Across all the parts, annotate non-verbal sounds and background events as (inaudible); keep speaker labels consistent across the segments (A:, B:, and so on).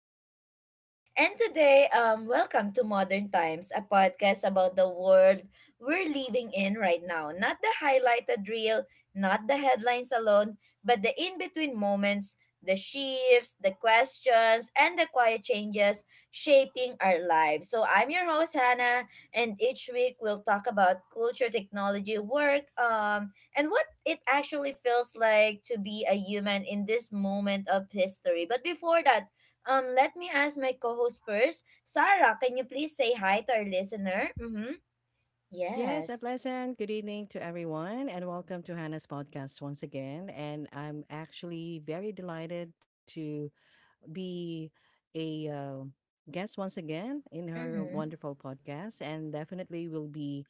A: with Sarah. And today, welcome to Modern Times, a podcast about the world we're living in right now. Not the highlighted reel, not the headlines alone, but the in-between moments, the shifts, the questions, and the quiet changes shaping our lives. So I'm your host Hannah, and each week we'll talk about culture, technology, work, and what it actually feels like to be a human in this moment of history. But before that, let me ask my co-host first. Sarah, can you please say hi to our listener? Mm-hmm.
B: Yes, a
A: Yes.
B: pleasant good evening to everyone, and welcome to Hannah's podcast once again. And I'm actually very delighted to be a guest once again in her
A: Mm-hmm.
B: wonderful podcast, and definitely we'll be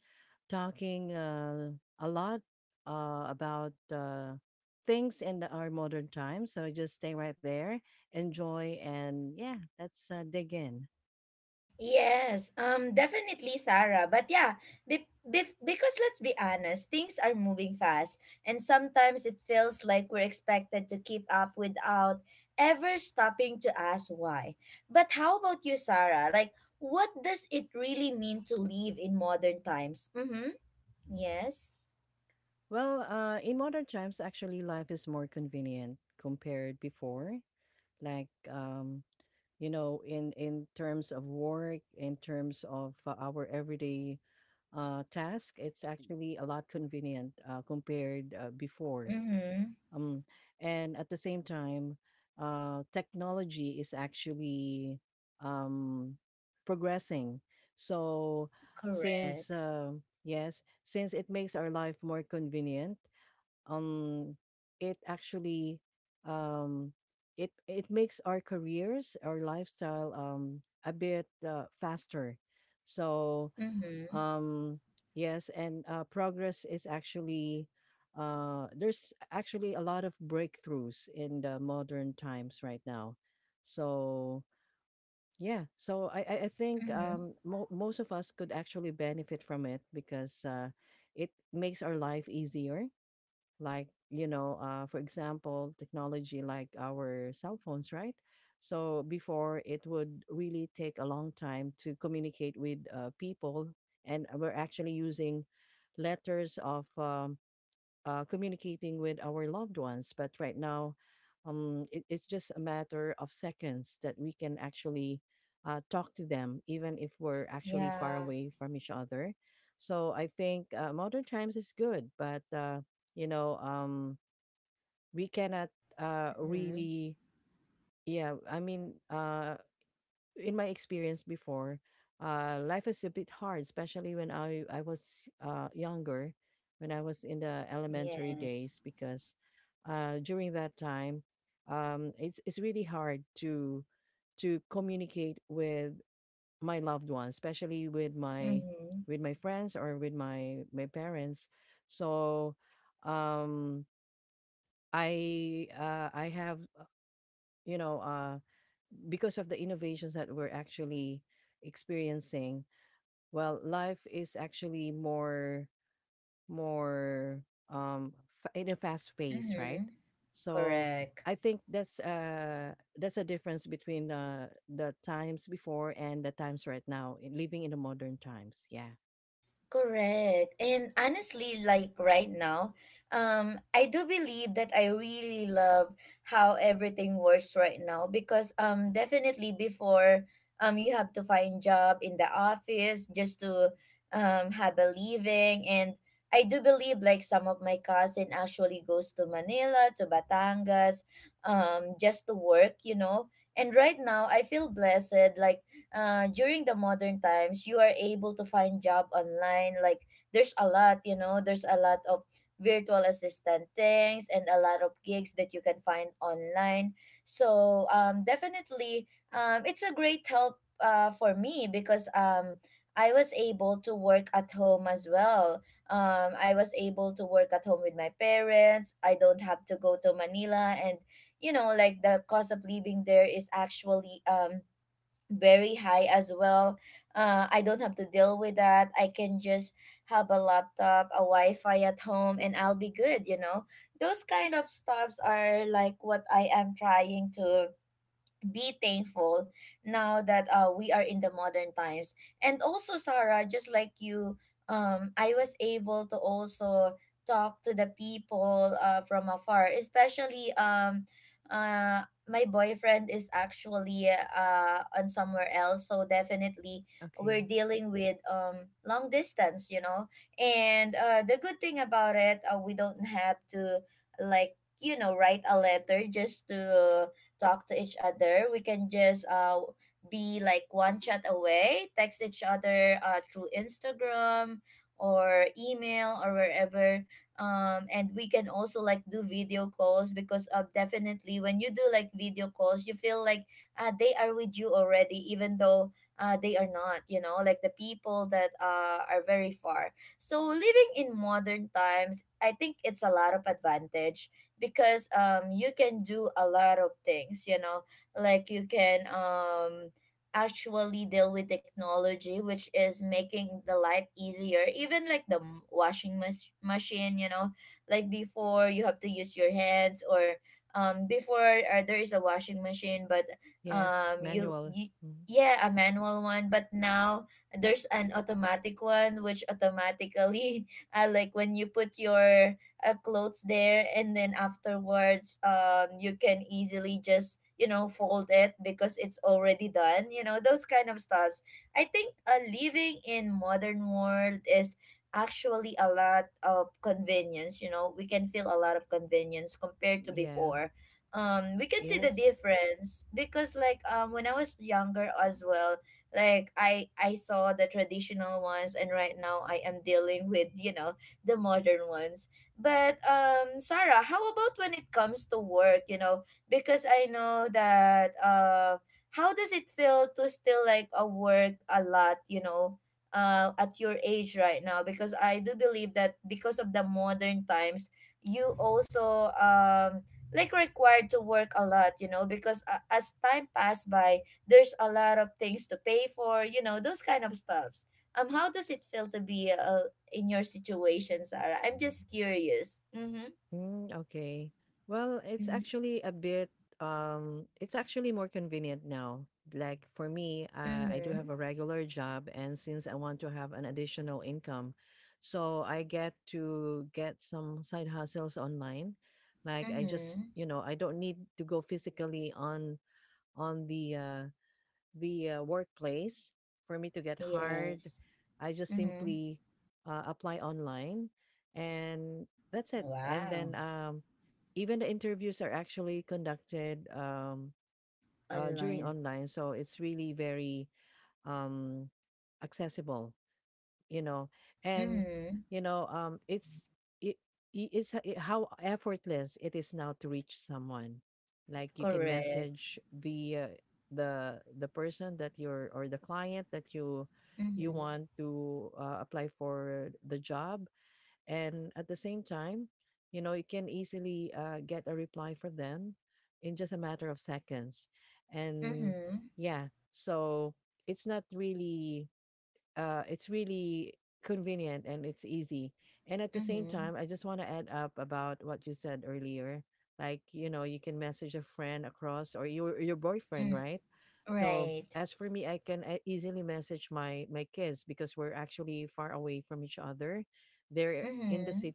B: talking a lot about things in our modern times. So just stay right there, enjoy, and yeah, let's dig in.
A: Yes, definitely, Sarah. But yeah, because let's be honest, things are moving fast, and sometimes it feels like we're expected to keep up without ever stopping to ask why. But how about you, Sarah? Like, what does it really mean to live in modern times? Mm-hmm. Yes.
B: Well, in modern times, actually, life is more convenient compared before. Like, you know, in terms of work, in terms of our everyday task, it's actually a lot convenient compared before.
A: Mm-hmm.
B: Um, and at the same time, technology is actually um, progressing. So, since
A: Correct.
B: uh, yes, since it makes our life more convenient, um it actually, um it makes our careers, our lifestyle a bit faster, so
A: Mm-hmm.
B: um yes. And progress is actually, there's actually a lot of breakthroughs in the modern times right now, so yeah. So I think
A: Mm-hmm.
B: most of us could actually benefit from it, because it makes our life easier. Like, you know, for example, technology like our cell phones, right? So before it would really take a long time to communicate with people, and we're actually using letters of communicating with our loved ones. But right now, it's just a matter of seconds that we can actually talk to them, even if we're actually far
A: Yeah.
B: away from each other. So I think modern times is good, but you know, um, we cannot
A: Mm-hmm.
B: really. Yeah, I mean, in my experience before, life is a bit hard, especially when I was younger, when I was in the elementary
A: Yes.
B: days, because during that time, it's really hard to communicate with my loved ones, especially with my,
A: Mm-hmm.
B: with my friends, or with my parents. So, um, I, I have, you know, because of the innovations that we're actually experiencing, well, life is actually more, more um in a fast pace, right?
A: Mm-hmm.
B: So
A: Correct.
B: I think that's a difference between the times before and the times right now, living in the modern times. Yeah.
A: Correct. And honestly, like right now, I do believe that I really love how everything works right now, because definitely before you have to find job in the office just to have a living. And I do believe like some of my cousin actually goes to Manila, to Batangas, just to work, you know. And right now I feel blessed like during the modern times, you are able to find job online. Like there's a lot, you know, there's a lot of virtual assistant things and a lot of gigs that you can find online. So definitely, it's a great help for me because I was able to work at home as well. I was able to work at home with my parents. I don't have to go to Manila, and you know, like the cost of living there is actually very high as well. I don't have to deal with that. I can just have a laptop, a Wi-Fi at home, and I'll be good. You know, those kind of stops are like what I am trying to be thankful now that we are in the modern times. And also Sarah, just like you, I was able to also talk to the people from afar, especially uh my boyfriend is actually on somewhere else. So definitely
B: Okay.
A: we're dealing with long distance, you know. And the good thing about it, we don't have to, like you know, write a letter just to talk to each other. We can just be like one chat away, text each other through Instagram or email or wherever. And we can also like do video calls, because definitely when you do like video calls, you feel like they are with you already, even though they are not, you know, like the people that are very far. So living in modern times, I think it's a lot of advantage because you can do a lot of things, you know. Like you can actually deal with technology, which is making the life easier, even like the washing machine, you know. Like before you have to use your hands, or before there is a washing machine, but
B: Yes,
A: you,
B: manual.
A: you
B: Mhm.
A: yeah, a manual one. But now there's an automatic one which automatically (laughs) like when you put your clothes there, and then afterwards you can easily just, you know, fold it because it's already done, you know, those kind of stuffs. I think living in modern world is actually a lot of convenience, you know, we can feel a lot of convenience compared to
B: Yeah.
A: before. We can see the
B: Yes.
A: difference because like when I was younger as well, like I saw the traditional ones, and right now I am dealing with, you know, the modern ones. But Sarah, how about when it comes to work, you know? Because I know that how does it feel to still like work a lot, you know, at your age right now? Because I do believe that because of the modern times, you also like required to work a lot, you know, because as time passed by, there's a lot of things to pay for, you know, those kind of stuffs. How does it feel to be a, in your situation, Sarah? I'm just curious. Mm-hmm.
B: Mm, okay. Well, it's
A: Mm-hmm.
B: actually a bit it's actually more convenient now. Like for me, I do have
A: Mm-hmm.
B: a regular job, and since I want to have an additional income, so I get to get some side hustles online. Like, I just,
A: Mm-hmm.
B: you know, I don't need to go physically on the workplace for me to get hired.
A: Yes.
B: I just
A: Mm-hmm.
B: simply apply online, and that's it. And then
A: Wow.
B: even the interviews are actually conducted during
A: Online.
B: online. So it's really very um, accessible, you know. And
A: Mm-hmm.
B: you know, it's it, I- it's h- it, how effortless it is now to reach someone. Like, you can
A: Correct.
B: message the the person that you're, or the client that you
A: Mm-hmm.
B: want to apply for the job. And at the same time, you know, you can easily get a reply from them in just a matter of seconds. And
A: Mm-hmm.
B: yeah, so it's not really, it's really convenient, and it's easy. And at the same
A: Mm-hmm.
B: time, I just want to add up about what you said earlier. Like, you know, you can message a friend across, or your boyfriend,
A: Mm.
B: right? So
A: Right.
B: as for me, I can easily message my kids, because we're actually far away.
A: Mm-hmm.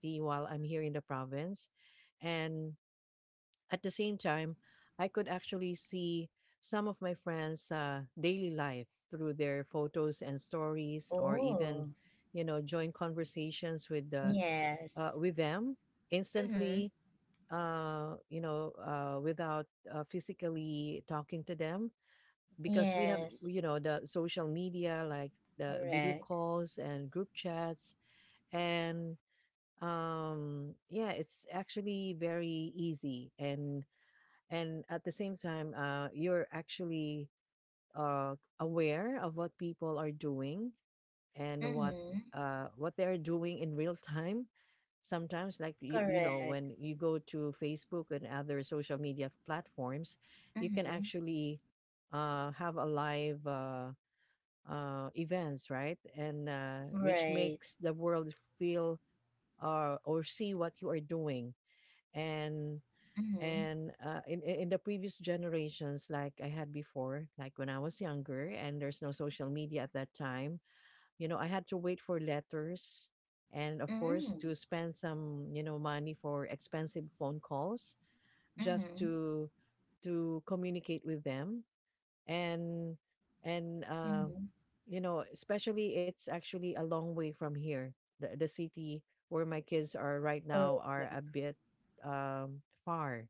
B: At the same time, I could actually see some of my friends' daily life through their photos and stories, or even,
A: Oh.
B: you know, join conversations with the,
A: Yes.
B: with them
A: Mm-hmm.
B: instantly. Without physically talking to them, because we have,
A: Yes.
B: you know, the social media, like the video
A: Correct.
B: calls and group chats and, yeah, it's actually very easy. And at the same time, you're actually aware of what people are doing and
A: Mm-hmm.
B: what they're doing in real time sometimes. Like, you know,
A: Correct.
B: when you go to Facebook and other social media platforms, you can
A: Mm-hmm.
B: actually have a live events, right? And which
A: Right.
B: makes the world feel or see what you are doing. And,
A: Mm-hmm.
B: in the previous generations, like I had before, like when I was younger and there's no social media at that time, you know, I had to wait for letters, and of course
A: Mm-hmm.
B: to spend some, you know, money for expensive phone calls just
A: Mm-hmm.
B: to communicate with them. And, and uh
A: Mm-hmm.
B: you know, especially, it's actually a long way from here. The city where my kids are right now are a
A: Correct.
B: bit far,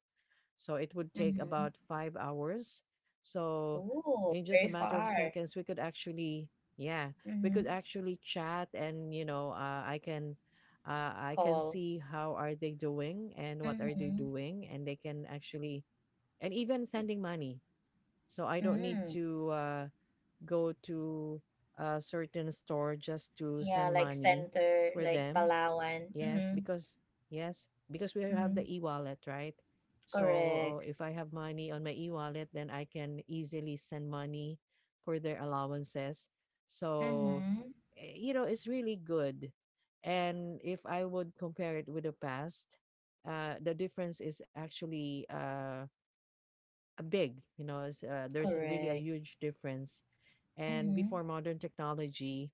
B: so it would take
A: Mm-hmm.
B: about five hours. So
A: Oh,
B: in just
A: very
B: a matter of
A: far.
B: seconds, we could actually, yeah, we could
A: Mm-hmm.
B: actually chat, and, you know, I can
A: Call.
B: see how are they doing and what are they
A: Mm-hmm.
B: doing. And they can actually, and even sending money. So I don't need
A: Mm.
B: to go to a certain store just to
A: Yeah,
B: send
A: like
B: money
A: center,
B: for
A: like
B: them.
A: Palawan.
B: Yes,
A: Mm-hmm.
B: because, yes, because we have the
A: Mm-hmm.
B: e-wallet, right? So
A: Correct.
B: if I have money on my e-wallet, then I can easily send money for their allowances. So,
A: Mm-hmm.
B: eh, you know, it's really good. And if I would compare it with the past, the difference is actually a big. You know, it's, there's a really a
A: Correct.
B: huge difference. And
A: Mm-hmm.
B: before modern technology,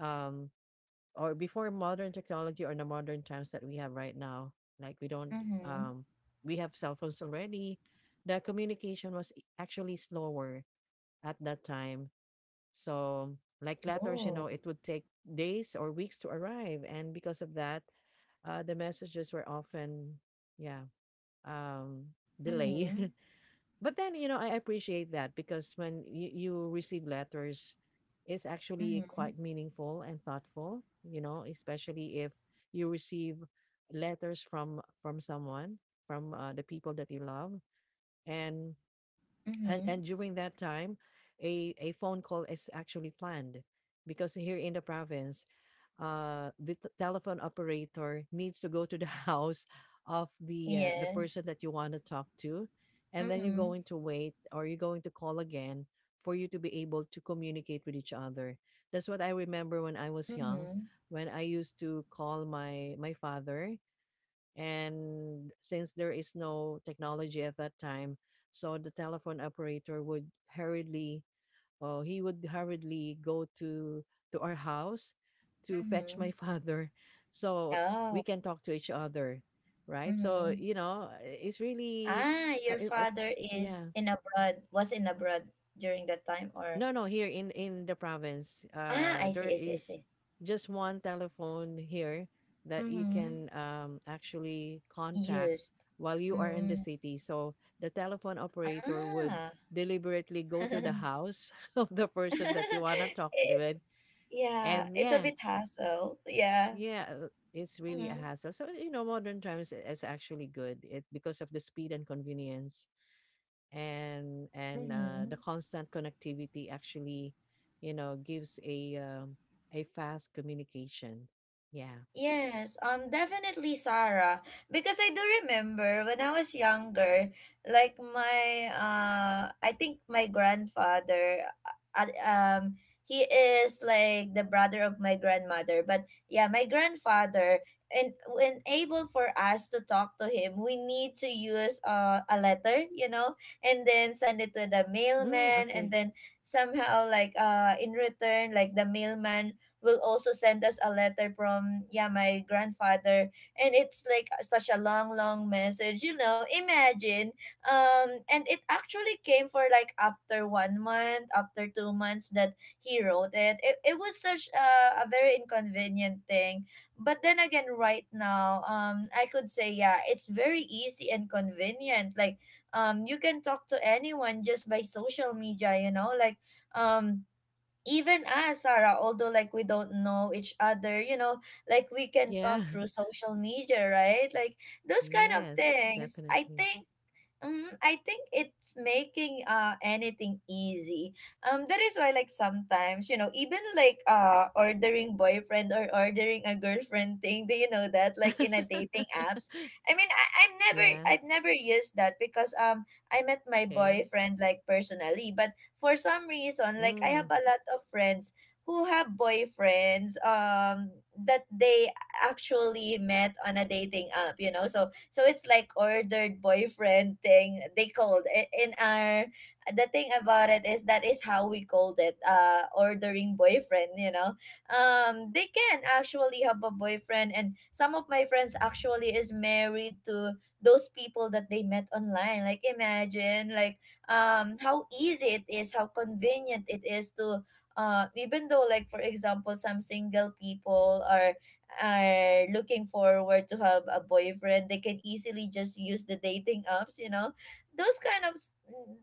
B: um, or before modern technology or the modern times that we have right now, like, we don't,
A: Mm-hmm.
B: um we have cell phones already. The communication was actually slower at that time. So, like letters, you know,
A: Oh.
B: it would take days or weeks to arrive, and because of that, the messages were often, yeah, um delay.
A: Mm-hmm.
B: (laughs) But then, you know, I appreciate that, because when you receive letters, it's actually
A: Mm-hmm.
B: quite meaningful and thoughtful, you know, especially if you receive letters from, someone, from the people that you love. And
A: Mm-hmm.
B: during that time, a phone call is actually planned, because here in the province, the telephone operator needs to go to the (laughs) house of the, the
A: Yes.
B: person that you want to talk to. And then you're
A: Mm-hmm.
B: going to wait, or you're going to call again for you to be able to communicate with each other. That's what I remember when I was young,
A: Mm-hmm.
B: when I used to call my father. And since there is no technology at that time, so the telephone operator would hurriedly, or he would hurriedly go to our house to fetch
A: Mm-hmm.
B: my (laughs) father, so we
A: Oh.
B: can talk to each other, right? So
A: Mm-hmm.
B: you know, it's really,
A: Ah, your
B: I, I,
A: father is
B: yeah.
A: in abroad, was in abroad during that time, or…
B: No, no, here in the province,
A: Ah, I
B: there
A: see, I see, I
B: is
A: see.
B: just one telephone here that you
A: Mm-hmm.
B: can actually contact
A: Used.
B: while you are in the
A: Mm,
B: city. So the telephone operator would
A: ah.
B: deliberately go to the
A: (laughs)
B: house (laughs) of the person that you wanna talk to
A: It,
B: with,
A: yeah,
B: and
A: it's a
B: yeah,
A: bit hassle. Yeah.
B: yeah, it's really a
A: Mm-hmm.
B: hassle. So you know, modern times is actually good, because of the speed and convenience. And
A: Mm-hmm.
B: the constant connectivity actually, you know, gives a fast communication. Yeah.
A: Yes, definitely Sarah. Because I do remember when I was younger, like my I think my grandfather, uh, uh, um, he is like the brother of my grandmother. But yeah, my grandfather, and when able for us to talk to him, we need to use a letter, you know, and then send it to the
B: Mm,
A: mailman, and
B: okay.
A: then somehow like in return, like the mailman will also send us a letter from, yeah, my grandfather. And it's like such a long, long message, you know, imagine. And it actually came for like after 1 month, after 2 months that he wrote it. It was such a very inconvenient thing. But then again, right now, I could say, yeah, it's very easy and convenient. Like you can talk to anyone just by social media, you know, like um even us, Sarah, although like we don't know each other, you know, like we can
B: Yeah.
A: talk through social media, right? Like
B: (laughs)
A: those kind of
B: Yes,
A: things.
B: definitely.
A: I think it's making anything easy. That is why like sometimes, you know, even like ordering boyfriend or ordering a girlfriend thing. Do you know that, like, in a dating
B: (laughs)
A: apps? I mean,
B: Yeah.
A: I've never used that because I met my
B: Okay.
A: boyfriend like personally. But for some reason, like I have
B: Mm.
A: a lot of friends who have boyfriends that they actually met on a dating app. You know, so so it's like ordered boyfriend thing they called it in our… the thing about it is that is how we called it, ordering boyfriend, you know. They can actually have a boyfriend, and some of my friends actually is married to those people that they met online. Like, imagine, like how easy it is, how convenient it is to even though, like, for example, some single people are looking forward to have a boyfriend, they can easily just use the dating apps, you know, those kind of s-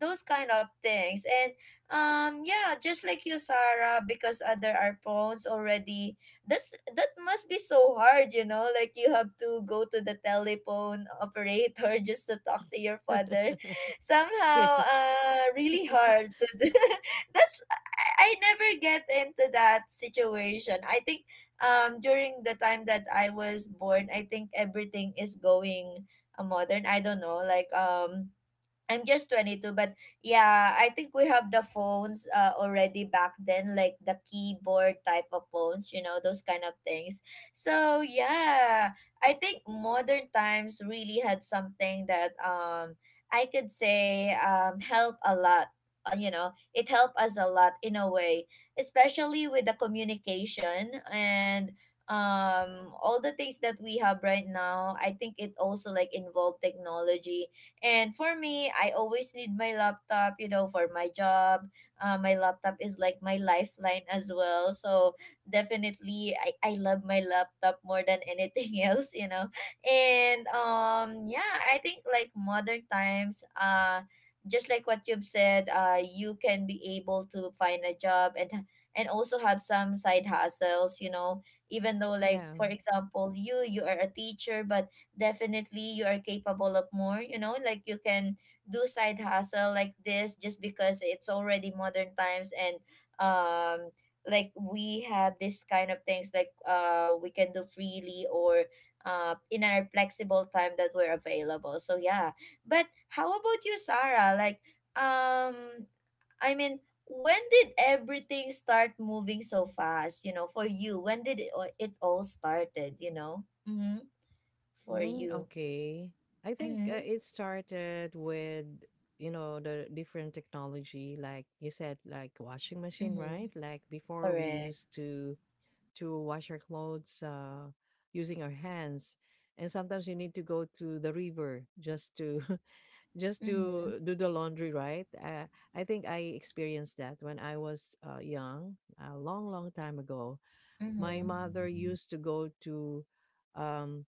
A: those kind of things. And yeah, just like you, Sarah, because other are phones already. That's… that must be so hard, you know, like you have to go to the telephone operator (laughs) just to talk to your father.
B: (laughs)
A: Somehow
B: Yes.
A: really hard to do. (laughs) That's… I never get into that situation. I think during the time that I was born, I think everything is going modern. I don't know, like I'm just 22, but yeah, I think we have the phones already back then, like the keyboard type of phones, you know, those kind of things. So yeah, I think modern times really had something that I could say help a lot. You know, it helped us a lot in a way, especially with the communication and all the things that we have right now. I think it also like involved technology, and for me, I always need my laptop, you know, for my job. My laptop is like my lifeline as well. So definitely, I love my laptop more than anything (laughs) else, you know. And yeah, I think like modern times, just like what you've said, you can be able to find a job and also have some side hustles, even though like
B: Yeah.
A: for example you are a teacher but definitely you are capable of more, you know, like you can do side hustle like this just because it's already modern times and um, like we have this kind of things like we can do freely or in our flexible time that we're available, so yeah. But how about you, Sarah, um i mean when did everything start moving so fast, you know, for you? When did it all started, you know? Mm-hmm. For
B: Mm,
A: you.
B: okay. I think
A: Mm-hmm.
B: it started with, you know, the different technology like you said, like washing machine,
A: Mm-hmm.
B: right? Like before, we
A: Correct.
B: used to wash our clothes using our hands, and sometimes we need to go to the river just to (laughs) just
A: Mm-hmm.
B: to do the laundry, right? I think I experienced that when I was young, a long long time ago. My
A: Mm-hmm.
B: mother used to go to um,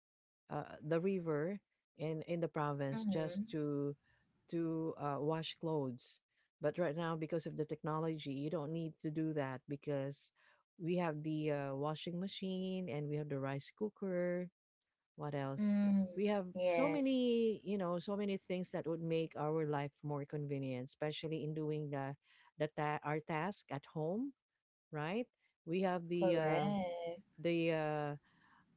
B: the river in the province just
A: Mm.
B: to wash clothes. But right now, because of the technology, you don't need to do that, because we have the washing machine and we have the rice cooker. What else?
A: Mm-hmm. Mm.
B: We have so
A: Yes.
B: many, you know, so many things that would make our life more convenient, especially in doing the, our task at home, right? We have the
A: Correct.
B: the uh,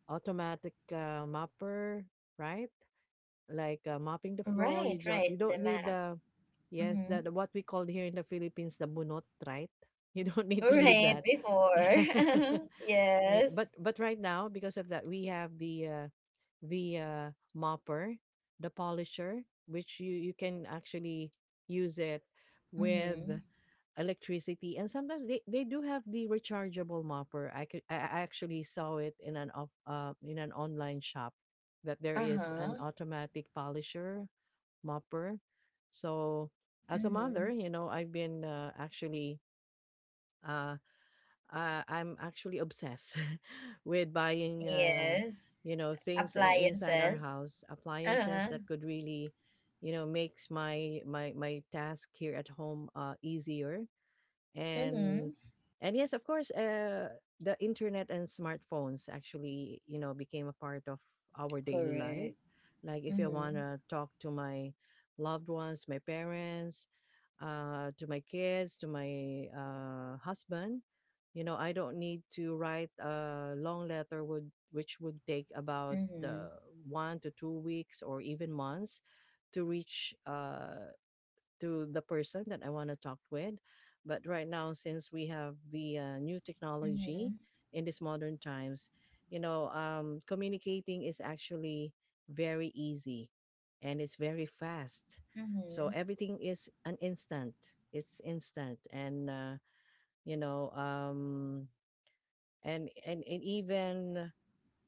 B: automatic mapper, right? Like, mopping the floor.
A: Right,
B: You just,
A: right.
B: you
A: The
B: don't need
A: map.
B: the, yes,
A: Mm-hmm.
B: that what we call here in the Philippines the bunot, right? (laughs) You don't need to do
A: Right
B: that. (laughs)
A: before.
B: Yeah.
A: (laughs)
B: Re- but
A: yes.
B: but right now because of that we have the mopper, the polisher, which you can actually use it with
A: Mm-hmm.
B: electricity, and sometimes they do have the rechargeable mopper. I could I actually saw it in an off in an online shop that there is an
A: Uh-huh.
B: automatic polisher mopper. So as a
A: Mm-hmm.
B: mother, I've been actually uh, I'm actually obsessed (laughs) with buying
A: Yes.
B: things inside our
A: Appliances.
B: house, appliances
A: Uh-huh.
B: that could really makes my my task here at home easier. and
A: Mm-hmm.
B: and yes, of course, the internet and smartphones actually, you know, became a part of our daily life.
A: Correct.
B: Like if I want
A: Mm-hmm.
B: to talk to my loved ones, my parents, to my kids, to my husband, you know, I don't need to write a long letter would which would take about
A: Mm-hmm.
B: uh, 1 to 2 weeks or even months to reach to the person that I want to talk with. But right now, since we have the new technology
A: Mm-hmm.
B: in these modern times, you know, communicating is actually very easy and it's very fast. So
A: Mm-hmm.
B: everything is an instant. It's instant, and you know, um, and even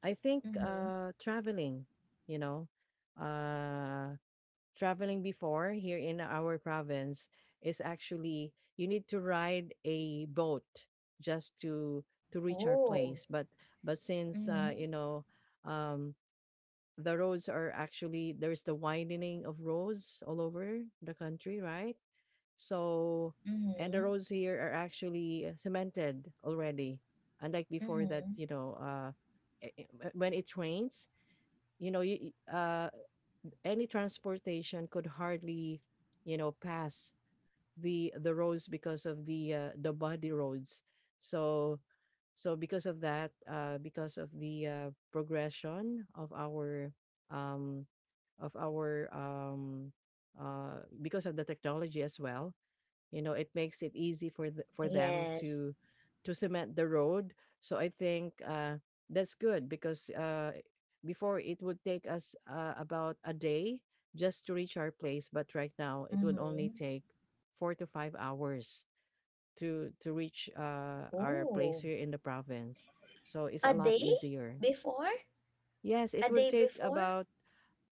B: I think
A: Mm-hmm.
B: traveling, you know, uh traveling before here in our province, is actually you need to ride a boat just to reach our
A: Oh.
B: place. But since
A: Mm-hmm.
B: you know, um the roads are actually, there's the widening of roads all over the country, right? So and the
A: Mm-hmm.
B: roads here are actually cemented already, unlike before that,
A: Mm-hmm.
B: you know, when it rains, you know, any transportation could hardly, you know, pass the roads because of the body roads. So because of that, because of the progression of our um, of our um, because of the technology as well, you know, it makes it easy for for them
A: Yes.
B: to cement the road. So I think that's good, because before, it would take us about a day just to reach our place, but right now it would only
A: Mm-hmm.
B: take 4 to 5 hours to reach our place
A: Ooh.
B: here in the province. So it's a
A: A
B: lot
A: day
B: easier.
A: before?
B: Yes,
A: A
B: it would
A: day
B: take
A: before?
B: about,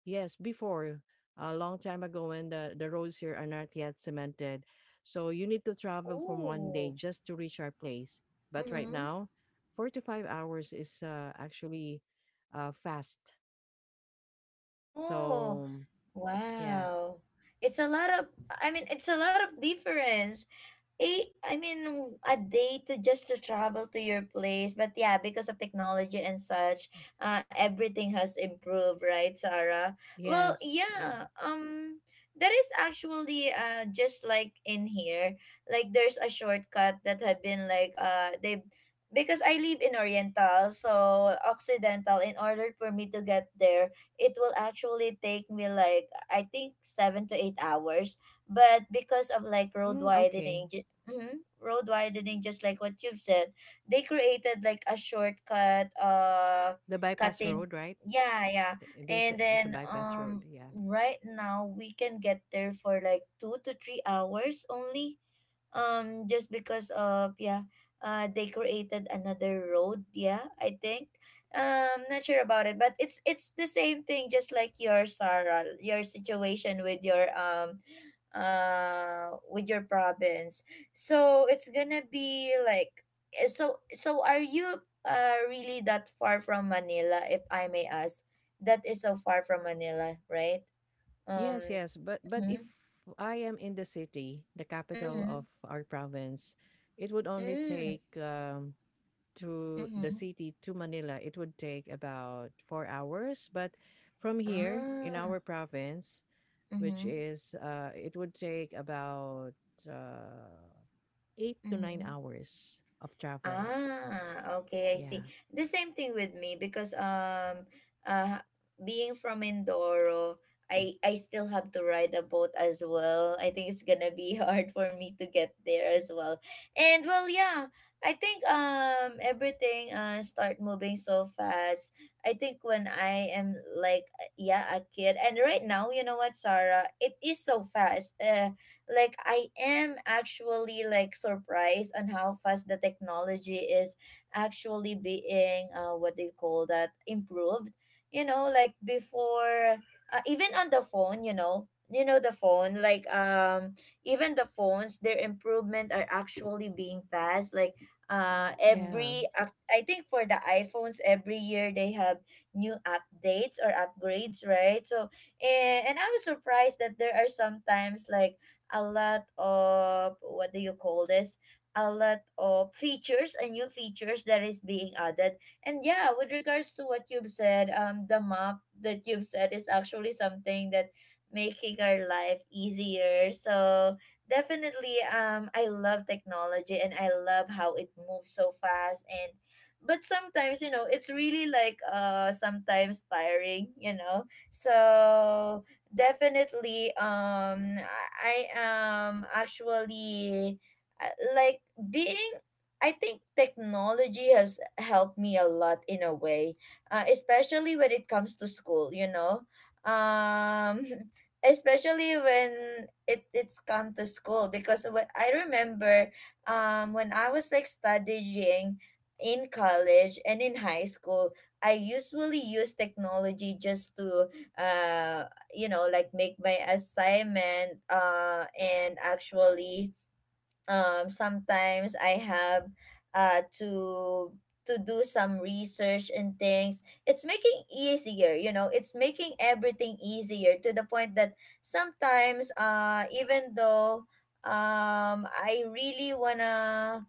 B: yes, before, a long time ago when the roads here are not yet cemented. So you need to travel from one day
A: Ooh.
B: just to reach our place. But right
A: Mm-hmm.
B: now, 4 to 5 hours is actually fast.
A: Oh,
B: So yeah.
A: wow. It's a lot of, I mean, it's a lot of difference. I mean, a day to just to travel to your place. But yeah, because of technology and such, everything has improved, right, Sarah? Well,
B: Yes.
A: yeah. That is actually just like in here, like there's a shortcut that have been like they, because I live in Oriental, so Occidental. In order for me to get there, it will actually take me like I think 7 to 8 hours, but because of like road
B: Mm, okay.
A: widening, road widening, just like what you've said, they created like a shortcut,
B: The bypass
A: cutting.
B: road, right?
A: Yeah, yeah.
B: Eh, they
A: and
B: say it's a
A: then
B: bypass road.
A: um
B: Yeah.
A: right now we can get there for like 2 to 3 hours only, just because of, yeah, they created another road. Yeah, I think, not sure about it, but it's the same thing just like your, Sarah, your situation with your province. So it's gonna be like, so are you really that far from Manila, if I may ask? That is so far from Manila, right? um
B: Yes, yes, but if
A: mm-hmm,
B: I am in the city, the capital
A: mm-hmm,
B: of our province, it would only
A: mm-hmm.
B: take to the
A: Mm-hmm.
B: city, to Manila, it would take about 4 hours. But from here in
A: Ah.
B: our province, which
A: Mm-hmm.
B: is it would take about uh, eight to nine
A: Mm-hmm.
B: hours of travel.
A: Ah, okay, I see.
B: Yeah,
A: The same thing with me, because uh being from Mindoro, I still have to ride a boat as well. I think it's gonna be (laughs) hard for me to get there as well. And well, yeah, I think everything start moving so fast. I think when I am like yeah, a kid and right now, you know what, Sarah, it is so fast. Like I am actually like surprised on how fast the technology is actually being, what they call that, improved. You know, like before, even on the phone, you know, you know the phone like, even the phones, their improvement are actually being fast, like
B: yeah.
A: I think for the iPhones every year they have new updates or upgrades, right? So and I was surprised that there are sometimes like a lot of, what do you call this, a lot of features and new features that is being added. And yeah, with regards to what you've said, the map that you've said is actually something that making our life easier. So definitely, I love technology and I love how it moves so fast, and but sometimes, you know, it's really like, sometimes tiring, you know. So definitely, I am actually like being I think technology has helped me a lot in a way, especially when it comes to school, you know. um (laughs) especially when it it's come to school, because what I remember, when I was like studying in college and in high school, I usually use technology just to uh you know, like make my assignment, and actually, sometimes I have uh to to do some research and things. It's making easier, you know, it's making everything easier to the point that sometimes, even though, I really wanna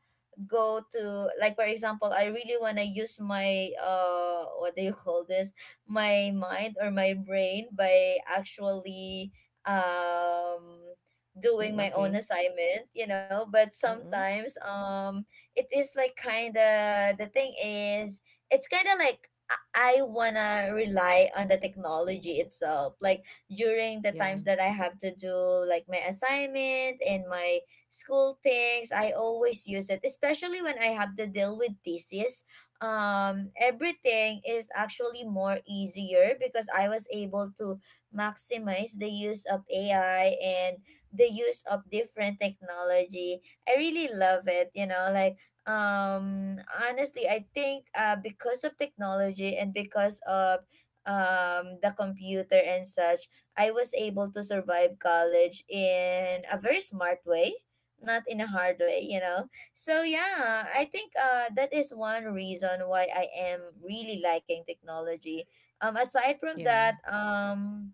A: go to, like for example, I really want to use my, what do you call this, my mind or my brain by actually um doing
B: Mm,
A: my own
B: okay.
A: assignment, you know. But
B: Mm-mm.
A: sometimes it is like kind of, the thing is it's kind of like I wanna rely on the technology itself. Like during the
B: Yeah,
A: times that I have to do like my assignment and my school things, I always use it, especially when I have to deal with thesis. Everything is actually more easier because I was able to maximize the use of AI and the use of different technology. I really love it, you know, like honestly I think because of technology and because of the computer and such, I was able to survive college in a very smart way, not in a hard way, you know. So yeah, I think that is one reason why I am really liking technology. um aside from
B: yeah,
A: that um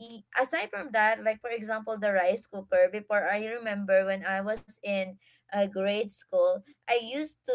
A: aside from that, like for example, the rice cooker before, I remember when I was in grade school, I used to,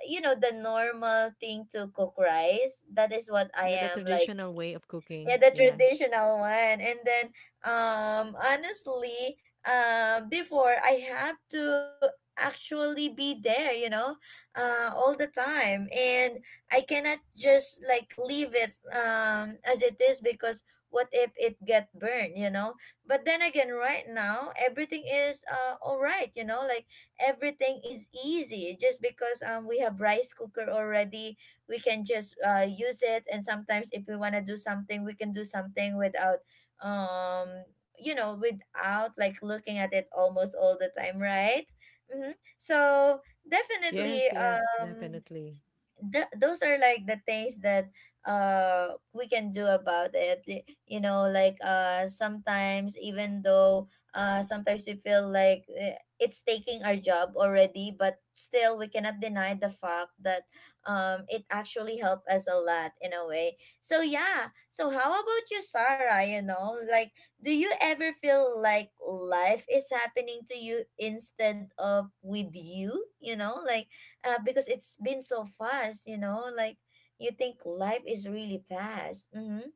A: you know, the normal thing to cook rice, that is what I
B: yeah. The
A: am like.
B: traditional way of
A: Yeah,
B: cooking.
A: the
B: Yeah.
A: traditional one. And then honestly, before I have to actually be there, you know, all the time. And I cannot just like leave it as it is, because what if it get burned, you know? But then again, right now everything is all right, you know, like everything is easy just because we have rice cooker already, we can just use it, and sometimes if we want to do something, we can do something without um you know, without like looking at it almost all the time, right? Mm-hmm. So definitely,
B: Yes, yes, definitely.
A: those are like the things that we can do about it. You know, like sometimes even though, sometimes we feel like, it's taking our job already, but still we cannot deny the fact that it actually helped us a lot in a way. So yeah, so how about you, Sarah, you know, like do you ever feel like life is happening to you instead of with you, you know, like because it's been so fast, you know, like you think life is really fast. Mm-hmm.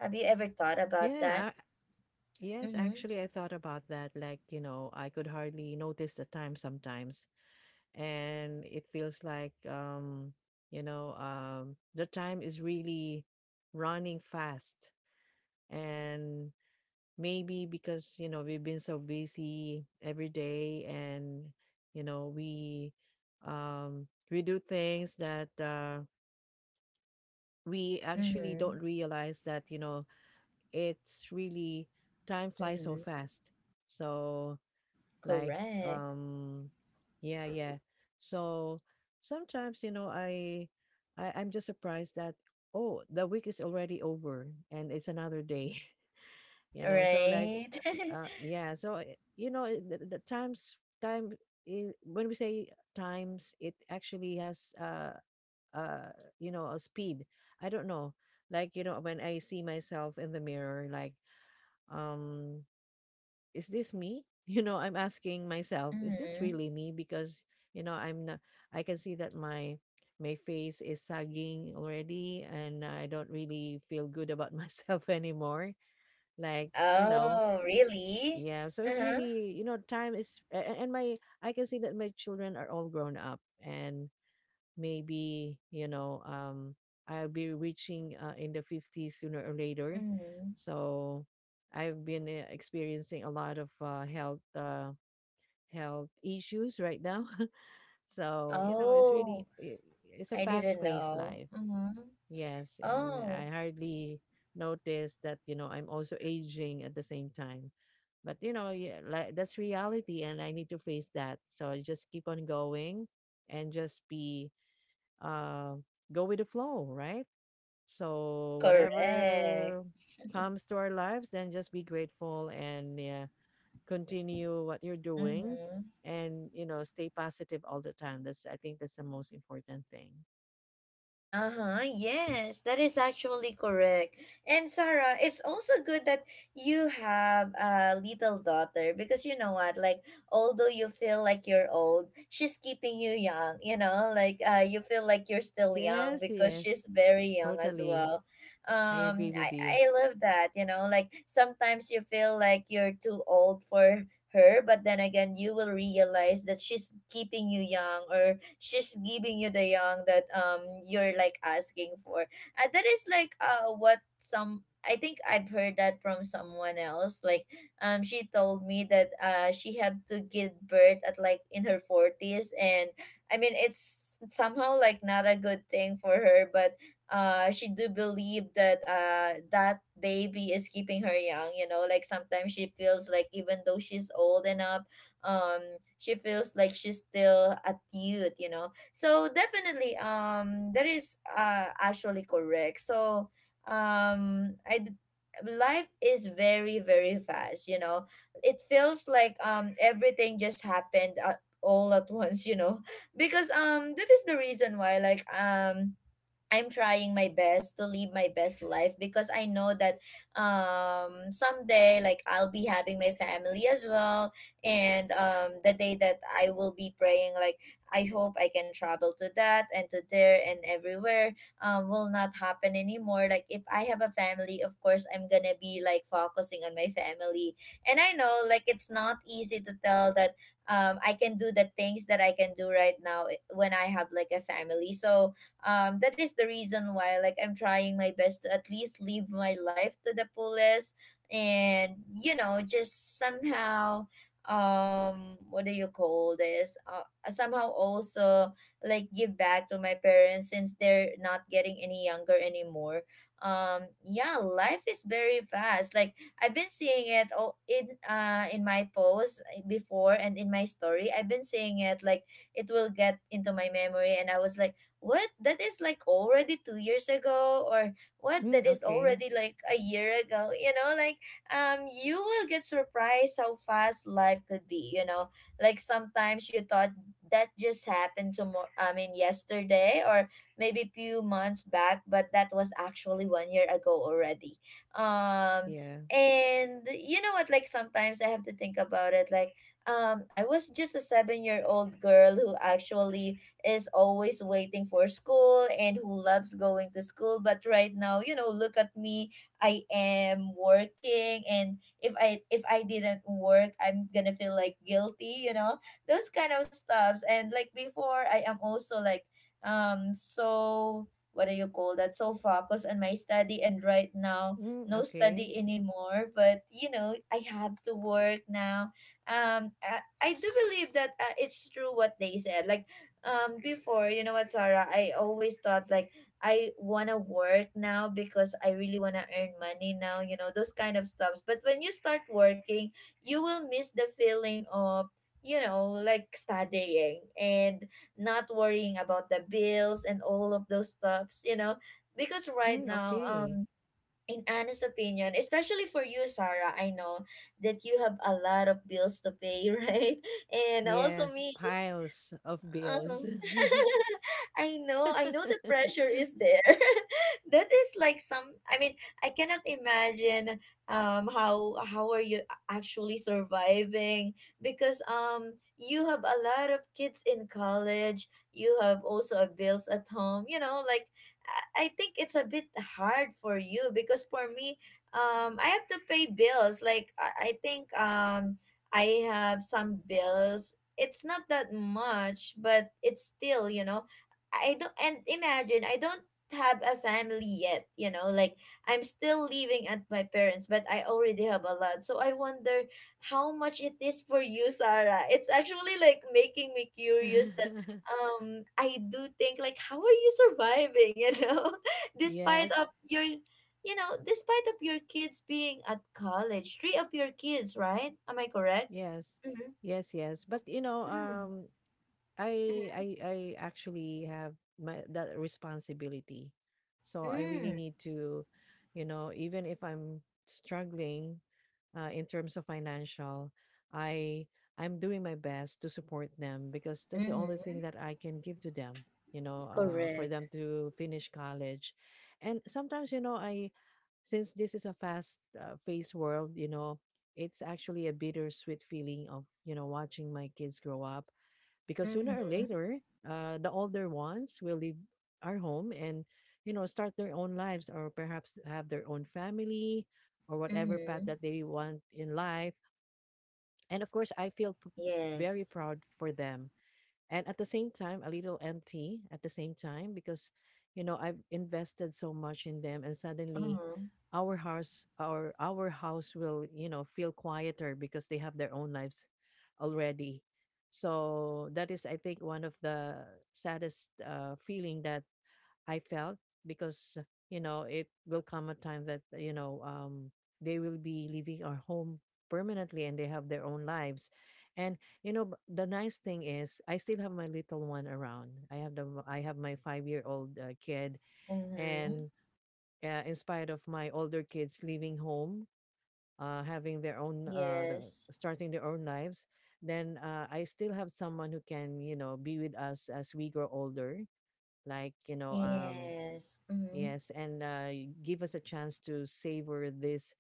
A: Have you ever thought about that?
B: Yeah, yes.
A: Mm-hmm.
B: Actually, I thought about that. Like, you know, I could hardly notice the time sometimes, and it feels like you know, the time is really running fast. And maybe because, you know, we've been so busy every day, and you know, we do things that we actually
A: Mm-hmm.
B: don't realize that, you know, it's really, time flies so
A: Mm-hmm.
B: fast. So like,
A: Correct.
B: um yeah, yeah. So sometimes, you know, I, I'm just surprised that, oh, the week is already over and it's another day. (laughs) You know, so like
A: Right. (laughs)
B: yeah. So you know, the times, time, when we say times, it actually has uh you know, a speed. I don't know, like, you know, when I see myself in the mirror like, um is this me? (laughs) You know, I'm asking myself, is this
A: mm-hmm.
B: really me? Because, you know, I'm not, I can see that my face is sagging already, and I don't really feel good about (laughs) myself anymore. Like, you know,
A: Oh, really?
B: yeah. So it's
A: Uh-huh.
B: really, you know, time is, and my, I can see that my children are all grown up. And maybe, you know, I'll be reaching in the 50s sooner or later.
A: Mm-hmm.
B: So I've been experiencing a lot of health issues right now. (laughs) So you know, it's really,
A: Oh,
B: it's a
A: I
B: fast
A: didn't
B: paced
A: know.
B: life.
A: Mm-hmm.
B: Yes, and I
A: Oh, s-
B: hardly notice that, you know, I'm also aging at the same time. But you know, yeah, like that's reality and I need to face that. So I just keep on going, and just be uh, go with the flow, right? So
A: correct.
B: whatever comes to our lives, then just be grateful and yeah, continue what you're doing,
A: Mm-hmm.
B: and you know, stay positive all the time. That's, I think that's the most important thing.
A: Uh-huh. Yes, that is actually correct. And Sarah, it's also good that you have a little daughter, because you know what, like although you feel like you're old, she's keeping you young, you know? Like you feel like you're still young
B: Yes,
A: because
B: yes,
A: she's very young as
B: totally.
A: well.
B: I agree
A: Um
B: with
A: I
B: you.
A: I love that, you know? Like sometimes you feel like you're too old for her, but then again you will realize that she's keeping you young, or she's giving you the young that you're like asking for. And that is like what some, I think I've heard that from someone else. Like, she told me that she had to give birth at like in her forties, and I mean, it's somehow like not a good thing for her, but she do believe that that baby is keeping her young, you know, like sometimes she feels like even though she's old enough, um she feels like she's still a youth, you know. So definitely, that is actually correct. So um i d- life is very very fast, you know. It feels like everything just happened at, all at (laughs) once, you know, (laughs) because that is the reason why, like I'm trying my best to live my best life, because I know that someday like I'll be having my family as well. And the day that I will be praying, like I hope I can travel to that and to there and everywhere, will not happen anymore, like if I have a family, of course I'm going to be like focusing on my family. And I know, like it's not easy to tell that I can do the things that I can do right now, when I have like a family. So that is the reason why like I'm trying my best to at least live my life to the fullest, and you know, just somehow, what do you call this, somehow also like give back to my parents since they're not getting any younger anymore. Yeah, life is very fast. Like I've been seeing it all in my post, before and in my story, I've been seeing it like it will get into my memory, and I was like, what, that is like already 2 years ago, or what, that
B: Mm,
A: is
B: okay.
A: already like a year ago, you know like you will get surprised how fast life could be, you know, like sometimes you thought that just happened tomorrow, I mean yesterday, or maybe few months back, but that was actually 1 year ago already. um
B: Yeah.
A: and you know what, like sometimes I have to think about it, like I was just a 7 year old girl who actually is always waiting for school and who loves going to school. But right now, you know, look at me. I am working, and if I didn't work, I'm gonna feel like guilty, you know? Those kind of stuffs. And like before I am also like um so what do you call that? So focused on my study, and right now
B: Mm,
A: no
B: okay.
A: study anymore, but you know I have to work now. I do believe that it's true what they said, like before, you know what, Sarah, I always thought like I wanna work now because I really wanna earn money now, you know, those kind of stuffs. But when you start working, you will miss the feeling of, you know, like studying and not worrying about the bills and all of those stuffs, you know. Because right
B: Mm,
A: now,
B: okay.
A: in Anna's opinion, especially for you, Sarah, I know that you have a lot of bills to pay, (laughs) right? And also
B: Yes,
A: me,
B: piles of
A: uh-huh.
B: bills. (laughs)
A: (laughs) I know the pressure is there. (laughs) That is like some, I mean, I cannot imagine how are you actually surviving, because you have a lot of kids in college, you have also a bills at home, you know, like I think it's a bit hard for you. Because for me, I have to pay bills. Like I think I have some bills, it's not that much, but it's still, you know, I don't, and imagine I don't have a family yet, you know, like I'm still living at my parents, but I already have a lot. So I wonder how much it is for you, Sarah. It's actually like making me curious that
B: (laughs)
A: I do think like how are you surviving, you know, (laughs) despite
B: Yes.
A: of your, you know, despite of your kids being at college, three of your kids, right? Am I correct?
B: Yes. Yes, yes. But you know,
A: Mm-hmm.
B: I actually have my that responsibility. So I really
A: Mm,
B: need to, you know, even if I'm struggling in terms of financial, i I'm doing my best to support them because that's the only thing
A: mhm.
B: that I can give to them, you know, for
A: Correct.
B: them to finish college. And sometimes, you know, I since this is a fast paced world, you know, it's actually a bittersweet feeling of, you know, watching my kids grow up, because
A: Mhm.
B: sooner or later the older ones will leave our home, and you know, start their own lives, or perhaps have their own family, or whatever path
A: Mhm.
B: that they want in life. And of course, very
A: Yes.
B: proud for them, and at the same time a little empty at the same time, because you know, I've invested so much in them, and suddenly
A: Uh-huh.
B: our house, our house will, you know, feel quieter because they have their own lives already. So that is, I think, one of the saddest feeling that I felt. Because you know, it will come a time that, you know, they will be leaving our home permanently and they have their own lives. And you know, the nice thing is I still have my little one around. I have my 5 year old kid,
A: Mhm.
B: and in spite of my older kids leaving home, having their own
A: Yes.
B: starting their own lives, then I still have someone who can, you know, be with us as we grow older, like you know,
A: Yes. Mhm.
B: Yes, and give us a chance to savor these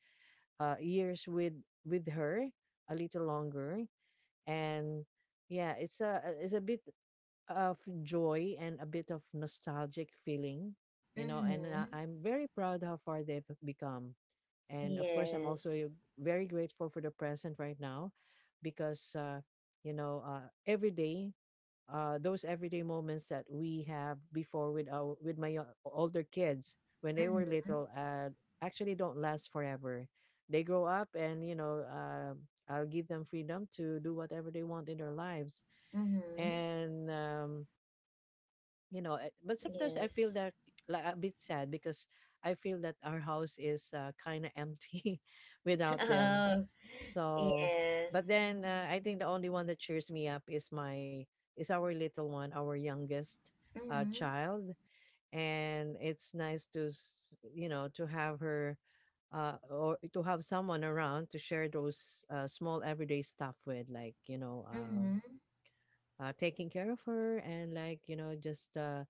B: years with her a little longer. And yeah, it's a bit of joy and a bit of nostalgic feeling, you know. And
A: Mhm.
B: I'm very proud how far they've become. And of course, I'm also
A: Yes.
B: very grateful for the present right now, because you know, every day, those everyday moments that we have before with our with my older kids when they were
A: Mhm.
B: little, actually don't last forever. They grow up, and you know, I'll give them freedom to do whatever they want in their lives,
A: Mhm.
B: and you know, but sometimes I feel
A: Yes.
B: that like a bit sad, because I feel that our house is kind of empty (laughs) without them.
A: (laughs) Oh,
B: So but
A: yes.
B: then I think the only one that cheers me up is my is our little one, our youngest
A: Mhm.
B: child. And it's nice to you know, to have her, or to have someone around to share those small everyday stuff with. Like you know,
A: Mhm.
B: taking care of her and like, you know, just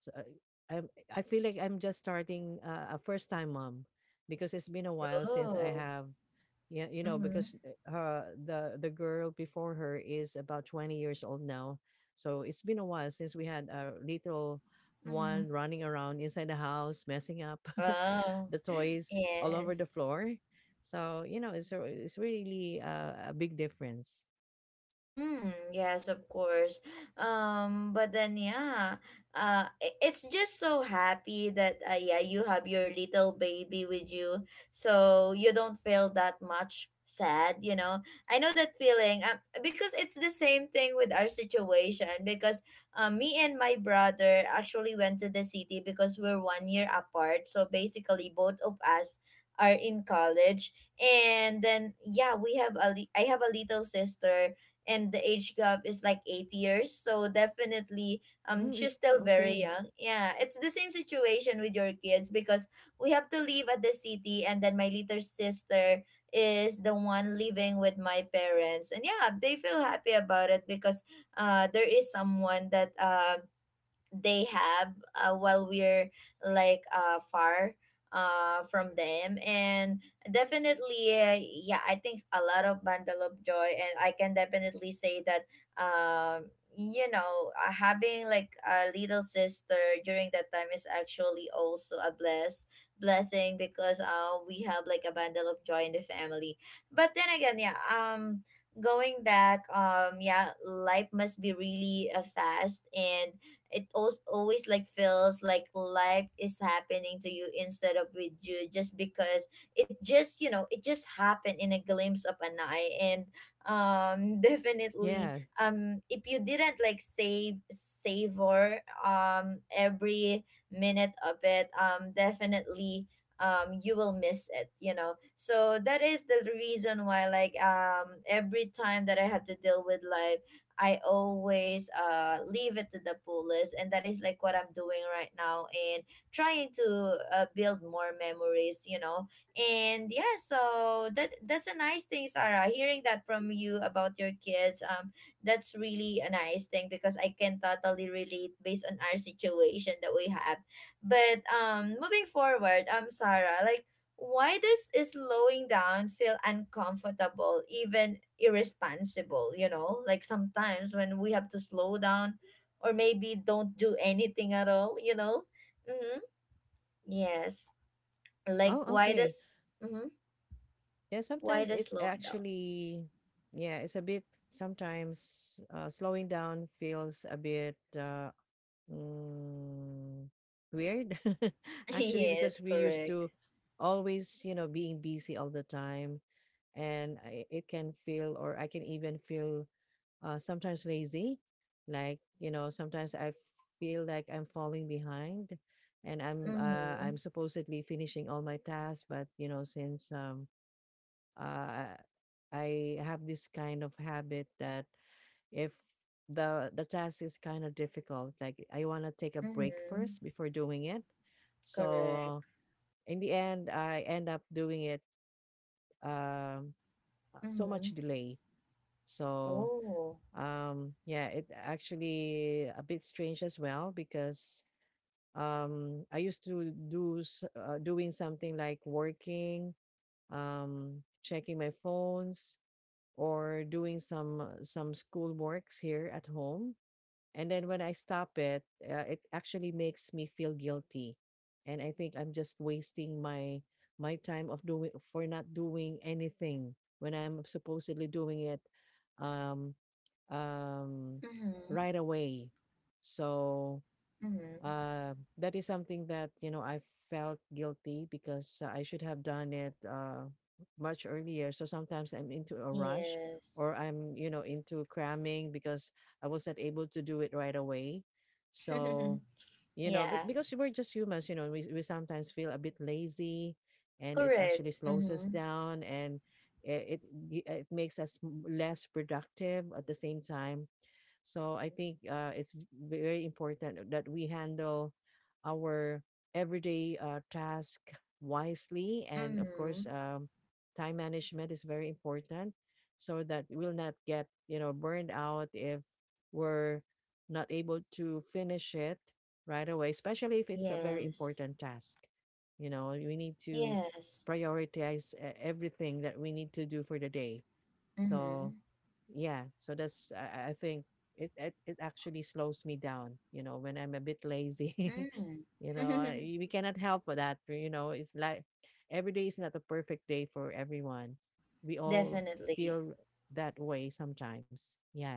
B: so, uh, I feel like I'm just starting a first time mom, because it's been a while since I
A: Oh.
B: have, yeah, you know,
A: Mhm.
B: because her, the girl before her is about 20 years old now. So it's been a while since we had a little
A: Mhm.
B: one running around inside the house messing up (laughs)
A: Oh.
B: the
A: (laughs)
B: toys all over the
A: Yes.
B: floor. So you know, it's really a big difference.
A: Mm, yes, of course. But then yeah, I- it's just so happy that yeah, you have your little baby with you, so you don't feel that much sad. You know, I know that feeling. Because it's the same thing with our situation. Because me and my brother actually went to the city because we're 1 year apart. So basically, both of us are in college, and then yeah, we have a li- I have a little sister and the age gap is like 8 years. So definitely,
B: Mm,
A: she's
B: it's
A: still very
B: okay.
A: young. Yeah, it's the same situation with your kids because we have to live at the city, and then my little sister is the one living with my parents, and yeah, they feel happy about it because there is someone that they have while we're like far from them. And definitely yeah, I think a lot of bundle of joy, and I can definitely say that um you know, having like a little sister during that time is actually also a blessing, because uh, we have like a bundle of joy in the family. But then again, yeah, going back, yeah, life must be really fast. And it also always like feels like life is happening to you instead of with you, just because it just, you know, it just happened in a glimpse of an eye. And (laughs) definitely,
B: Yeah.
A: if you didn't like save savor every minute of it, definitely, you will miss it, you know. So that is the reason why like every time that I have to deal with life, I always uh, leave it to the fullest, and that is like what I'm doing right now, and trying to build more memories, you know. And yeah, so that that's a nice thing, Sarah. Hearing that from you about your kids, that's really a nice thing because I can totally relate based on our situation that we have. But moving forward, Sarah, like why does slowing down feel uncomfortable, even irresponsible? You know, like sometimes when we have to slow down or maybe don't do anything at all, you know? Mm-hmm. Yes. Like,
B: Oh,
A: why
B: okay.
A: does, mm-hmm.
B: Yeah,
A: why
B: sometimes
A: does
B: it
A: slowing down?
B: actually, yeah, it's a bit, sometimes slowing down feels a bit mm, weird,
A: (laughs)
B: (laughs) actually,
A: yes,
B: because we used
A: correct.
B: to always, you know, being busy all the time. And I, it can feel, or I can even feel sometimes lazy. Like, you know, sometimes I feel like I'm falling behind, and
A: Mm-hmm.
B: I'm supposedly finishing all my tasks, but you know, since uh, I have this kind of habit that if the task is kind of difficult, like I want to take a break
A: Mm-hmm.
B: first before doing it. So
A: Correct.
B: in the end, I end up doing it um, so
A: Mm-hmm.
B: much delay. So
A: Oh.
B: um, yeah, it actually a bit strange as well because I used to do doing something like working, checking my phones, or doing some school works here at home, and then when I stop it, it actually makes me feel guilty and I think I'm just wasting my my time of doing for not doing anything when I'm supposedly doing it um um
A: Mm-hmm.
B: right away. So
A: Mm-hmm.
B: that is something that you know I felt guilty because I should have done it much earlier. So sometimes I'm into a rush
A: Yes.
B: or I'm you know into cramming because I wasn't able to do it right away. So
A: (laughs)
B: you know,
A: yeah.
B: but because we're just humans, you know, we sometimes feel a bit lazy, and it
A: Correct.
B: actually slows us
A: Mm-hmm.
B: down, and it it makes us less productive at the same time. So I think it's very important that we handle our everyday task wisely. And of
A: Mm-hmm.
B: course, time management is very important so that we'll not get, you know, burned out if we're not able to finish it right away, especially if it's a very
A: Yes.
B: important task. You know, we need to
A: Yes.
B: prioritize everything that we need to do for the day. So
A: Mm-hmm.
B: yeah, so that's I think it actually slows me down you know when I'm a bit lazy.
A: Mm.
B: (laughs) You know
A: (laughs)
B: we cannot help with that, you know, it's like every day is not a perfect day for everyone, we all
A: Definitely.
B: feel that way sometimes. Yeah.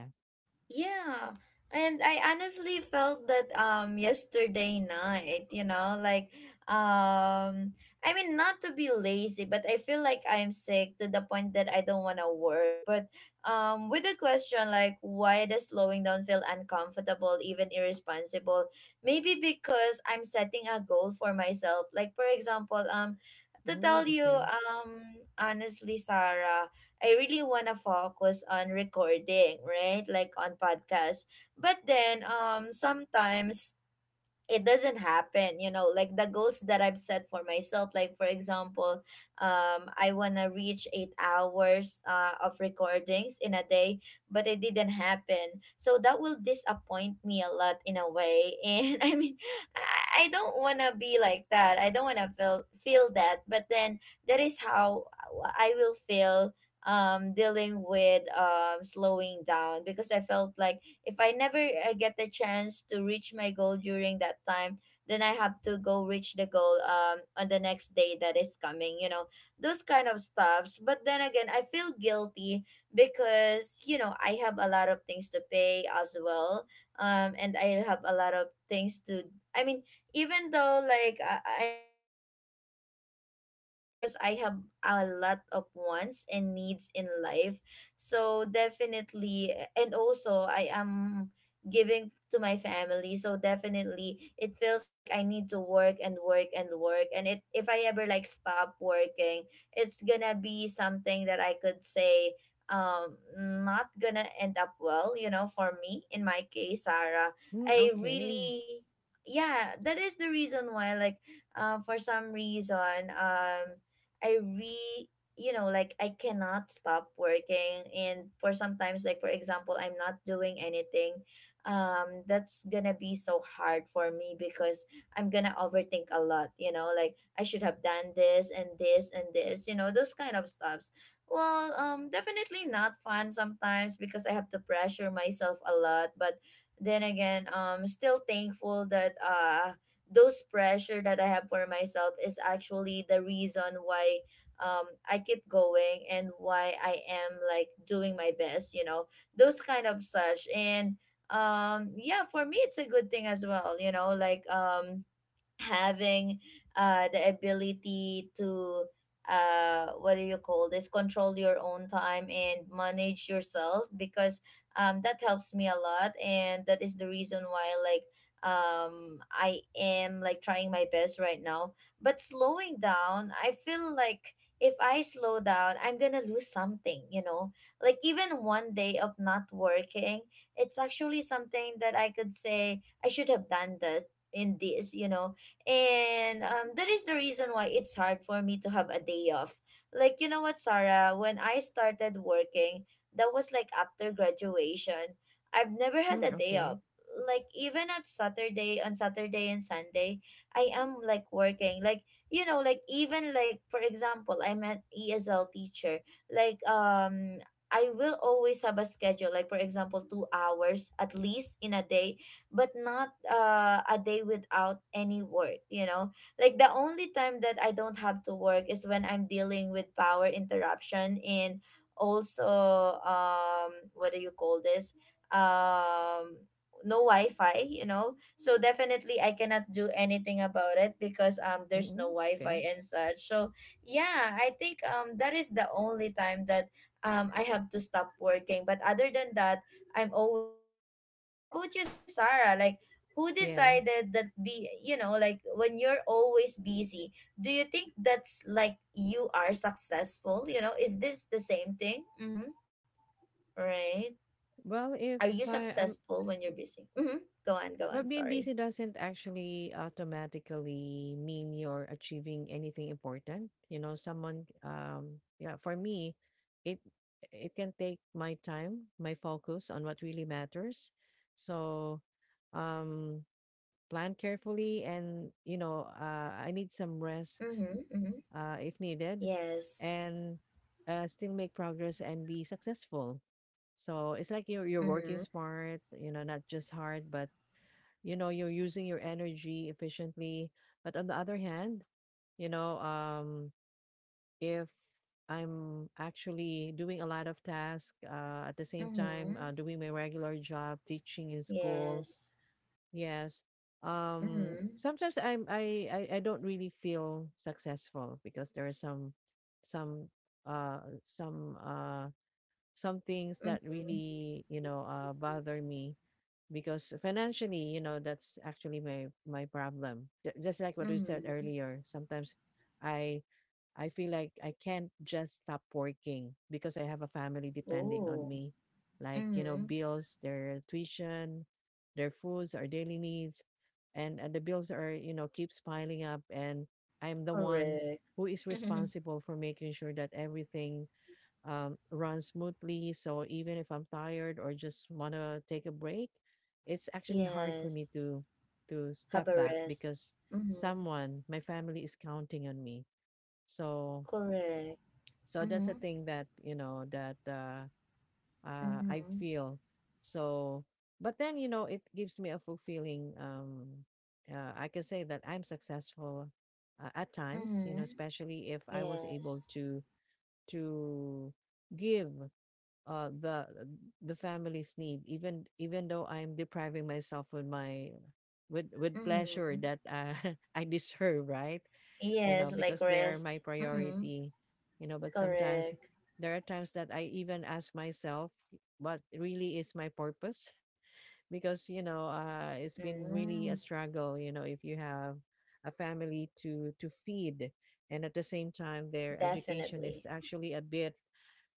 A: Yeah. And I honestly felt that um, yesterday night, you know, like um I mean, not to be lazy, but I feel like I'm sick to the point that I don't want to work. But with the question like why does slowing down feel uncomfortable, even irresponsible? Maybe because I'm setting a goal for myself. Like for example, to
B: Mm,
A: tell you
B: okay.
A: honestly, Sarah, I really want to focus on recording, right? Like on podcasts. But then sometimes it doesn't happen, you know, like the goals that I've set for myself, like for example, I want to reach 8 hours of recordings in a day, but it didn't happen. So that will disappoint me a lot in a way. And (laughs) I mean, I don't want to be like that, I don't want to feel that, but then that is how I will feel dealing with slowing down, because I felt like if I never get the chance to reach my goal during that time, then I have to go reach the goal on the next day that is coming, you know. Those kind of stuffs. But then again, I feel guilty because, you know, I have a lot of things to pay as well. Um, and I have a lot of things to, I mean, even though like I'm still like young, um, because I have a lot of wants and needs in life. So definitely, and also I am giving to my family. So definitely, it feels like I need to work and work and work. And it, if I ever like stop working, it's gonna be something that I could say not gonna end up well, you know, for me, in my case, Sarah.
B: Mm,
A: I
B: okay.
A: really Yeah, that is the reason why like for some reason, I re you know, like I cannot stop working. And for sometimes, like for example, I'm not doing anything, that's gonna be so hard for me, because I'm gonna overthink a lot, you know, like I should have done this and this and this, you know, those kind of stuffs. Well, definitely not fun sometimes, because I have to pressure myself a lot. But then again, still thankful that uh, those pressure that I have for myself is actually the reason why um I keep going and why I am like doing my best, you know, those kind of such. And yeah, for me it's a good thing as well, you know, like having uh, the ability to uh, what do you call this, control your own time and manage yourself, because that helps me a lot, and that is the reason why like I am like trying my best right now. But slowing down, I feel like if I slow down, I'm going to lose something, you know, like even one day of not working, it's actually something that I could say I should have done this in this, you know. And that is the reason why it's hard for me to have a day off. Like, you know what, Sarah, when I started working, that was like after graduation, I've never had a
B: Mm,
A: day off.
B: okay.
A: Like, even at Saturday, on Saturday and Sunday, I am like working. Like, you know, like, even like, for example, I'm an ESL teacher. Like, I will always have a schedule, like for example, 2 hours at least in a day, but not a day without any work, you know. Like the only time that I don't have to work is when I'm dealing with power interruption and also um, what do you call this, um no wi-fi, you know. So definitely I cannot do anything about it because um,
B: Mm,
A: there's no
B: mm,
A: wi-fi
B: okay.
A: and such. So yeah, I think um, that is the only time that I have to stop working. But other than that, I'm always working. But how about you, Sarah? Like, who
B: Yeah,
A: decided that be, you know, like when you're always busy, do you think that's like you are successful, you know, is this the same thing? Mm-hmm. Right.
B: well,
A: Are
B: if
A: you
B: I'm
A: successful when you're busy? Mm-hmm. Go on, go
B: But
A: on,
B: being busy
A: sorry.
B: doesn't actually automatically mean you're achieving anything important. You know, someone, yeah, for me, it it can take my time, my focus on what really matters. So, um, plan carefully, and you know, I
A: Mm-hmm.
B: need some
A: Mm-hmm.
B: rest, if needed,
A: Yes.
B: and still make progress and be successful. So it's like you're working
A: Mm-hmm.
B: smart, you know, not just hard, but you know you're using your energy efficiently. But on the other hand, you know, if I'm actually doing a lot of tasks at the same
A: Mm-hmm.
B: time doing my regular job teaching in school.
A: Yes.
B: Yes.
A: Mm-hmm.
B: Sometimes I'm I don't really feel successful because there are some uh some uh some things that
A: Mm-hmm.
B: really, you know, bother me, because financially, you know, that's actually my my problem. Just like what we said
A: Mm-hmm.
B: earlier, sometimes I I feel like I can't just stop working because I have a family depending on
A: Oh.
B: me. Like, you know,
A: Mm-hmm.
B: bills, their tuition, their foods, our daily needs, and the bills are, you know, keeps piling up, and I'm the one
A: Correct.
B: who is
A: (laughs)
B: responsible for making sure that everything run smoothly. So even if I'm tired or just want to take a break, it's actually hard for me
A: Yes.
B: to step
A: Have a
B: back
A: rest.
B: because
A: Mm-hmm.
B: someone, my family is counting on me. So
A: Correct.
B: so that's a
A: Mm-hmm.
B: thing that you know that I
A: Mm-hmm.
B: feel. So but then you know it gives me a fulfilling. I can say that I'm successful at times. You
A: Mm-hmm.
B: know, especially if I was able
A: Yes.
B: to give uh, the the family's need, even even though I'm depriving myself with my with pleasure
A: Mm-hmm.
B: that (laughs) I deserve, right? You know,
A: Yes, like
B: because they are my
A: rest. Mm-hmm.
B: priority, you know, but sometimes
A: Correct.
B: there are times that I even ask myself what really is my purpose. (laughs) Because you know it's been really a
A: Mm-hmm.
B: struggle, you know, if you have a family to feed, and at the same time their education is
A: Definitely.
B: actually a bit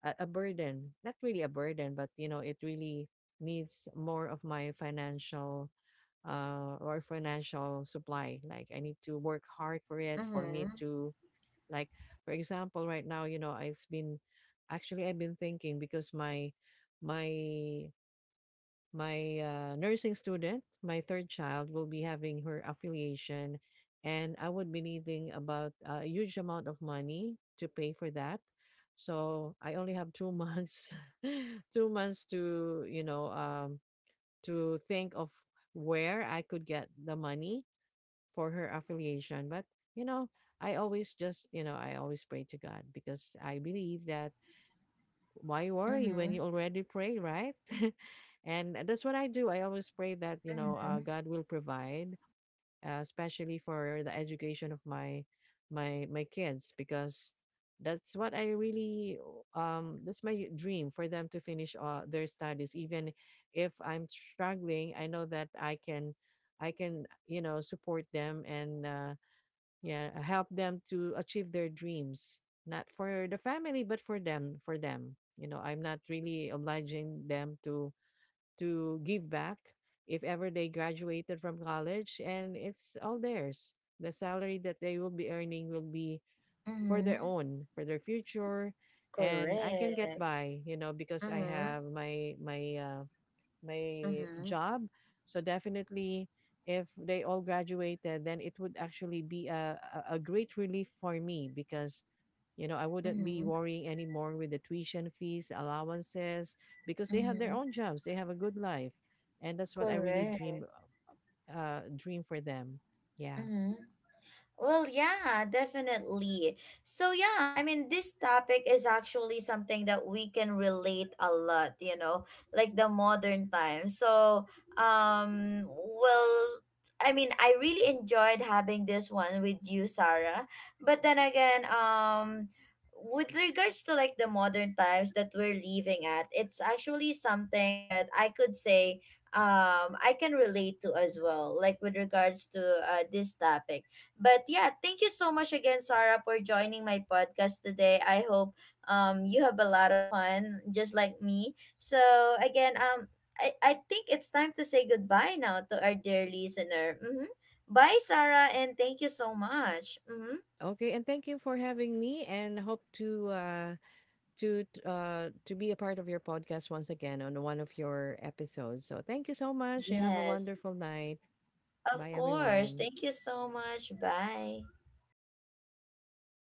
B: a burden, not really a burden, but you know it really needs more of my financial or financial supply. Like I need to work hard for it for me
A: Mm-hmm.
B: to, like for example right now, you know I've been actually I've been thinking because my my nursing student, my third child, will be having her affiliation, and I would be needing about a huge amount of money to pay for that. So I only have 2 months, (laughs) 2 months to you know to think of where
A: Mm-hmm.
B: I could get the
A: To
B: money
A: to
B: for
A: have
B: her
A: it.
B: affiliation. But
A: To
B: you know, I always just you know I always pray to God because I believe that why worry when you
A: mm-hmm.
B: already pray, right? (laughs) And that's what I do. I always pray that, you know,
A: Mm-hmm.
B: God will provide, especially for the education of my my kids, because that's what I really that's my dream for them to finish their studies. Even if I'm struggling, I know that I can, you know, support them and yeah, help them to achieve their dreams, not for the family, but for them, for them. You know, I'm not really obliging them to give back if ever they graduated from college, and it's all theirs. The salary that they will be earning will be for their
A: Mm-hmm.
B: own, for their future, and I can get
A: Correct.
B: by, you know, because I
A: Mm-hmm.
B: have my
A: Mm-hmm.
B: job. So definitely if they all graduated, then it would actually be a great relief for me, because you know, I wouldn't be
A: Mm-hmm.
B: worrying anymore with the tuition fees, allowances, because they have
A: Mm-hmm.
B: their own jobs. They have a good life. And that's what I really
A: Correct.
B: dream for them. Yeah.
A: Mm-hmm. Well, yeah, definitely. So, yeah, I mean, this topic is actually something that we can relate a lot, you know, like the modern time. So, well, I mean, I really enjoyed having this one with you, Sarah. But then again, with regards to like the modern times that we're living at, it's actually something that I could say um, I can relate to as well, like with regards to this topic. But yeah, thank you so much again, Sarah, for joining my podcast today. I hope um, you have a lot of fun, just like me. So again, I think it's time to say goodbye now to our dear listener. Mm-hmm. Bye, Sarah, and thank you so much. Mm-hmm.
B: Okay, and thank you for having me and hope to to be a part of your podcast once again on one of your episodes. So thank you so much. You have a
A: Yes,
B: wonderful night.
A: of
B: Bye,
A: course.
B: everyone.
A: Thank you so much. Bye.